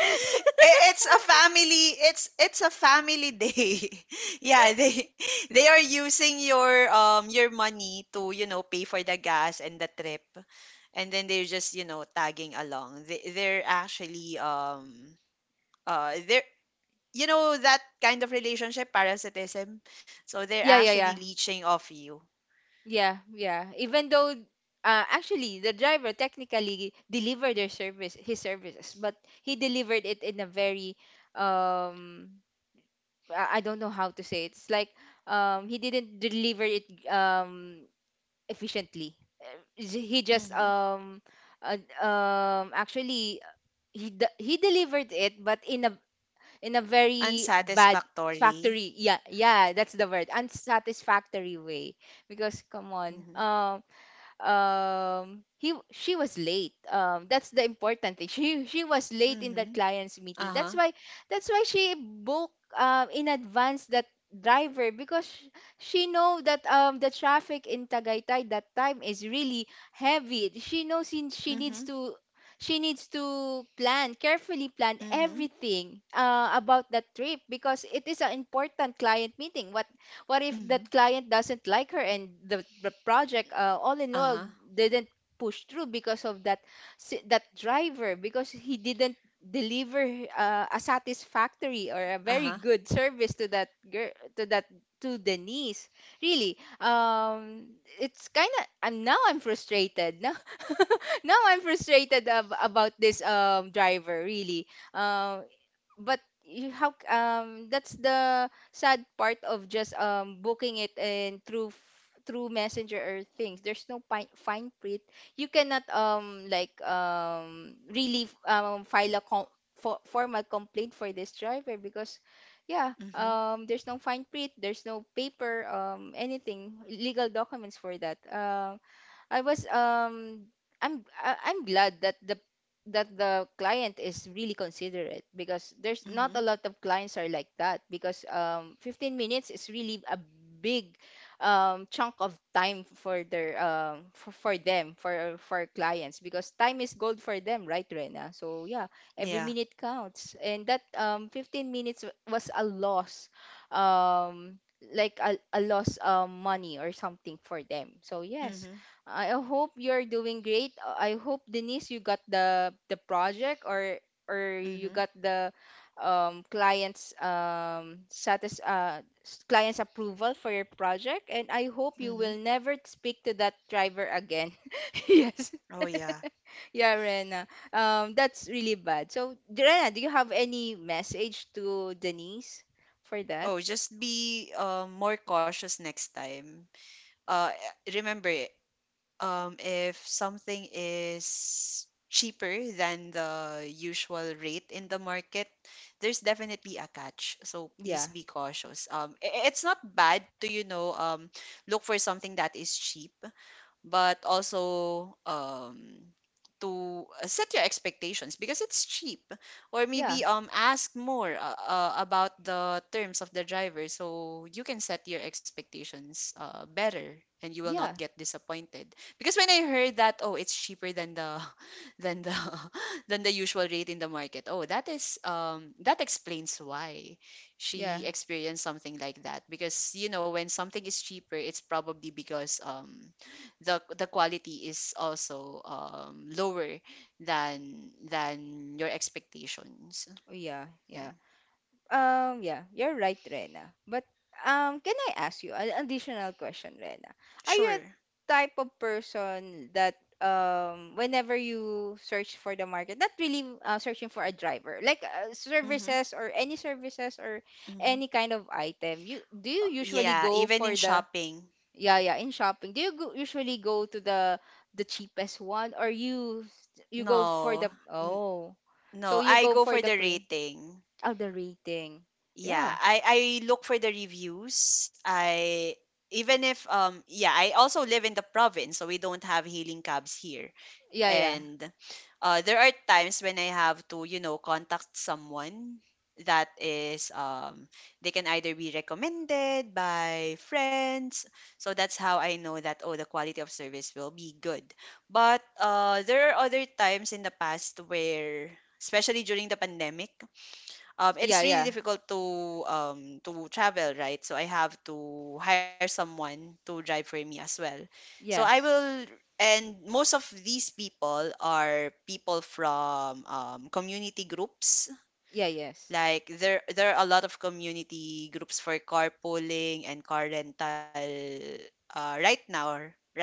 It's it's a family day. Yeah, they they are using your money to, you know, pay for the gas and the trip. And then they're just, you know, tagging along. They're actually they're you know, that kind of relationship parasitism. So they're Yeah, yeah, actually yeah. leeching off you. Yeah, yeah. Even though actually the driver technically delivered their service his services, but he delivered it in a very um I don't know how to say it. It's like he didn't deliver it efficiently. He just Mhm. Actually he delivered it, but in a very bad Unsatisfactory. factory. Yeah, yeah, that's the word. Unsatisfactory way because come on. Mhm. He she was late, that's the important thing. She was late in that Mhm. client's meeting, Uh-huh. That's why she booked in advance that driver because she know that the traffic in Tagaytay that time is really heavy. She knows Mhm. She needs to plan carefully, plan Mhm. everything about that trip because it is an important client meeting. What if Mhm. that client doesn't like her and the project, all in all Uh-huh. didn't push through because of that that driver because he didn't deliver a satisfactory or a very Uh-huh. good service to that girl, to that, to Denise. Really, it's kind of, I'm now, I'm frustrated now. Now I'm frustrated about this driver, really. Um but you how that's the sad part of just booking it and through through messenger or things. There's no fine print. You cannot really file a formal complaint for this driver because yeah, Mhm. There's no fine print, there's no paper, anything, legal documents for that. I was I'm I'm glad that the client is really considerate because there's not Mhm. a lot of clients are like that because 15 minutes is really a big chunk of time for their for them, for clients, because time is gold for them, right, Rena? So yeah, every Yeah. minute counts, and that 15 minutes was a loss, um like a loss money or something for them. So yes, Mhm. I hope you're doing great. I hope Denise, you got the project, or you Mhm. got the client's client's approval for your project, and I hope you Mhm. will never speak to that driver again. Yes, Oh yeah. yeah, Rena. That's really bad. So, Rena, do you have any message to Denise for that? Oh, just be more cautious next time. Uh Remember, if something is cheaper than the usual rate in the market, there's definitely a catch. So Yeah, please be cautious. It's not bad to, you know, look for something that is cheap, but also to set your expectations because it's cheap. Or maybe yeah, ask more about the terms of the driver, so you can set your expectations better and you will not yeah, get disappointed, because when I heard that, oh, it's cheaper than the than the than the usual rate in the market, oh, that is that explains why yeah, she experienced something like that. Because you know, when something is cheaper, it's probably because the quality is also lower than your expectations. oh, yeah, Yeah. yeah. Yeah, you're right, Rena. But can I ask you an additional question, Rena? Are you Sure. a type of person that whenever you search for the market, not really searching for a driver, like Mm-hmm. Services or Mm-hmm. any kind of item, you do you usually yeah, go even in for the shopping. yeah, yeah, in shopping, do you go, usually go to the cheapest one, or you go for the No. N- oh, so no, you I go go for for the the pre rating. oh, the rating. Yeah, Yeah, I look for the reviews. I even if yeah, I also live in the province, so we don't have hailing cabs here. yeah, yeah. And there are times when I have to, you know, contact someone that is, they can either be recommended by friends. So that's how I know that, oh, the quality of service will be good. But there are other times in the past where, especially during the pandemic, Yeah, it's really yeah. difficult to travel, right? So I have to hire someone to drive for me as well. So I Yes. will, and most of these people are people from community groups. Yeah, yes. Like there are a lot of community groups for carpooling and car rental, right now, right?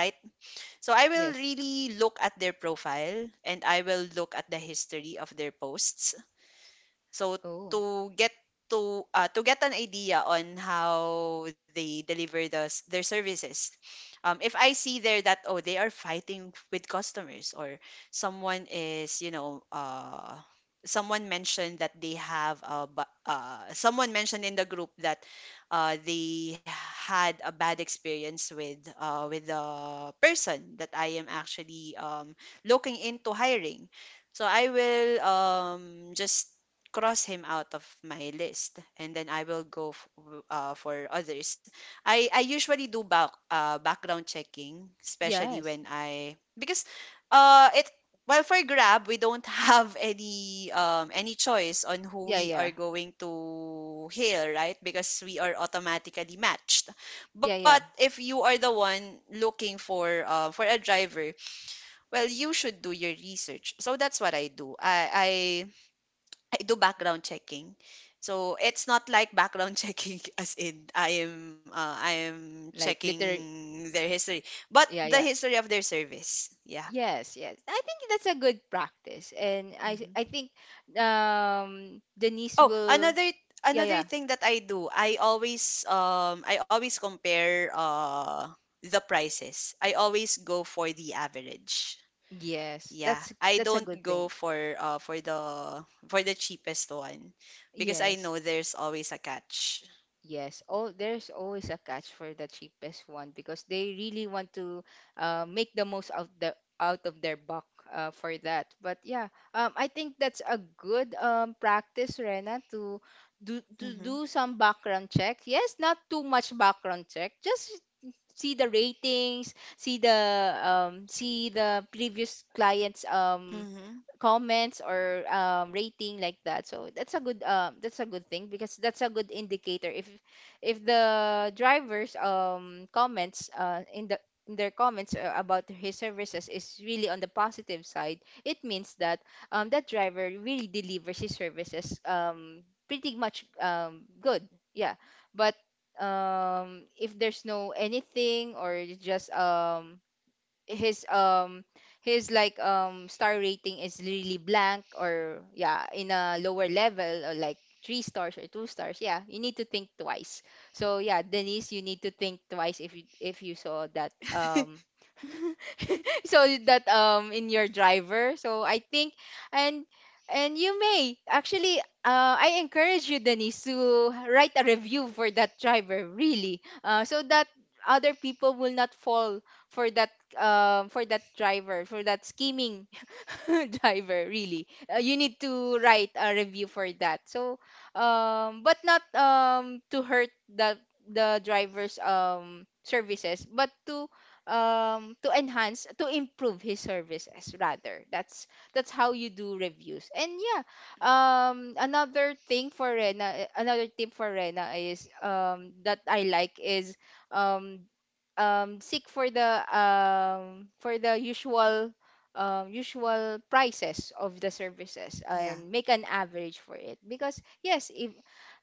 So I will Yes. really look at their profile and I will look at the history of their posts, so Oh, to get to get an idea on how they deliver the, their services, if I see there that, oh, they are fighting with customers, or someone is, you know, someone mentioned that they have a someone mentioned in the group that they had a bad experience with the person that I am actually looking into hiring. So I will just cross him out of my list, and then I will go for others. I usually do background checking, especially yes. when I, because it well, for Grab, we don't have any choice on who Yeah, we yeah. are going to hail, right? Because we are automatically matched. Yeah, But yeah. if you are the one looking for a driver, well, you should do your research. So that's what I do. I do background checking. So it's not like background checking as in I am Like liter checking their history, but yeah, the yeah. history of their service. Yeah. Yes, yes. I think that's a good practice. And Hmm. I think Denise Oh, will another, yeah, another yeah. thing that I do, I always compare the prices. I always go for the average. Yes. Yeah, I That's a don't good go thing. for for the cheapest one because I Yes. know there's always a catch. Yes, all there's always a catch for the cheapest one because they really want to make the most out of their buck for that. But yeah, I think that's a good practice, Rena, to Mhm. do some background check. Yes, not too much background check. Just see the ratings, see the see the previous clients' Mhm. comments or rating, like that. So that's a good that's a good thing because that's a good indicator if the driver's comments in the in their comments about his services is really on the positive side. It means that that driver really delivers his services, pretty much good, yeah. But if there's no anything, or it's just his um his like star rating is really blank or yeah in a lower level, or like three stars or two stars, yeah, you need to think twice. So yeah, Denise, you need to think twice if you saw that so that in your driver. So I think, and and you may actually I encourage you, Denise, to write a review for that driver, really, so that other people will not fall for that for that driver, for that scheming driver, really. You need to write a review for that. So but not to hurt the driver's services, but to enhance, to improve his services rather. That's how you do reviews. And yeah, Mhm, another thing for Rena, another tip for Rena is that I like is um seek for the usual mhm. usual prices of the services Yeah. and make an average for it. Because yes, if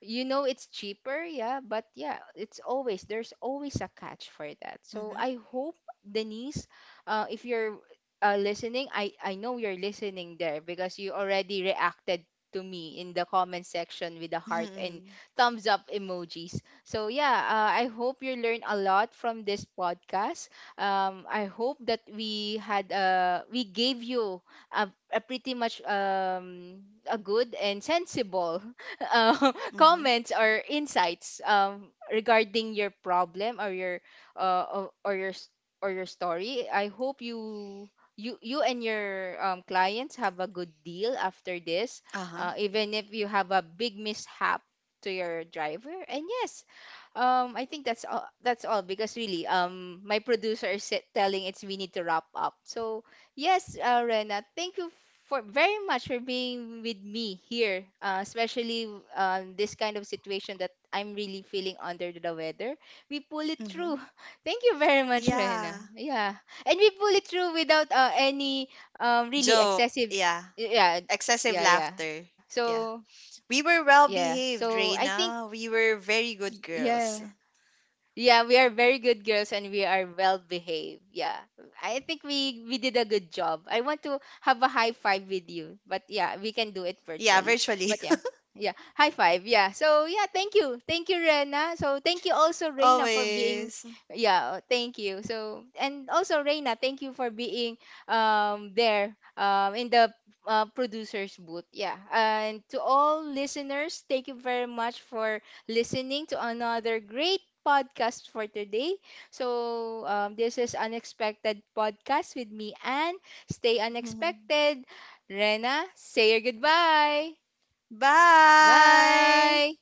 you know it's cheaper, yeah, but yeah, it's always there's always a catch for that. So Mhm. I hope Denise, if you're listening, I know you're listening there because you already reacted to me in the comment section with the heart and Mhm. thumbs up emojis. So yeah, I hope you learn a lot from this podcast. I hope that we had we gave you a pretty much a good and sensible uh, Mhm. comments or insights regarding your problem or your or your or your story. I hope you. You and your clients have a good deal after this, Uh-huh. Even if you have a big mishap to your driver. And yes, I think that's all. That's all because really, my producer is telling it's we need to wrap up. So yes, Rena, thank you for very much for being with me here, especially this kind of situation that I'm really feeling under the weather. We pull it through. Mhm. Thank you very much, Rena. Yeah. Yeah, and we pull it through without any really Joke. excessive. Yeah. Yeah, yeah, Excessive yeah. laughter. So Yeah. We yeah, were well so I behaved, think Reina. We were very good yeah. girls. Yeah, we are very good girls and we are well behaved. Yeah. I think we did a good job. I want to have a high five with you. But yeah, we can do it Yeah, virtually. virtually. But yeah. Yeah, high five. Yeah. So yeah, thank you. Thank you, Rena. So thank you also Reina for being Always. yeah, oh, thank you. So and also Reina, thank you for being there in the producer's booth. Yeah. And to all listeners, thank you very much for listening to another great podcast for today. So, this is Unexpected Podcast with me, Anne. Stay unexpected. Rena, say your goodbye. Bye. Bye.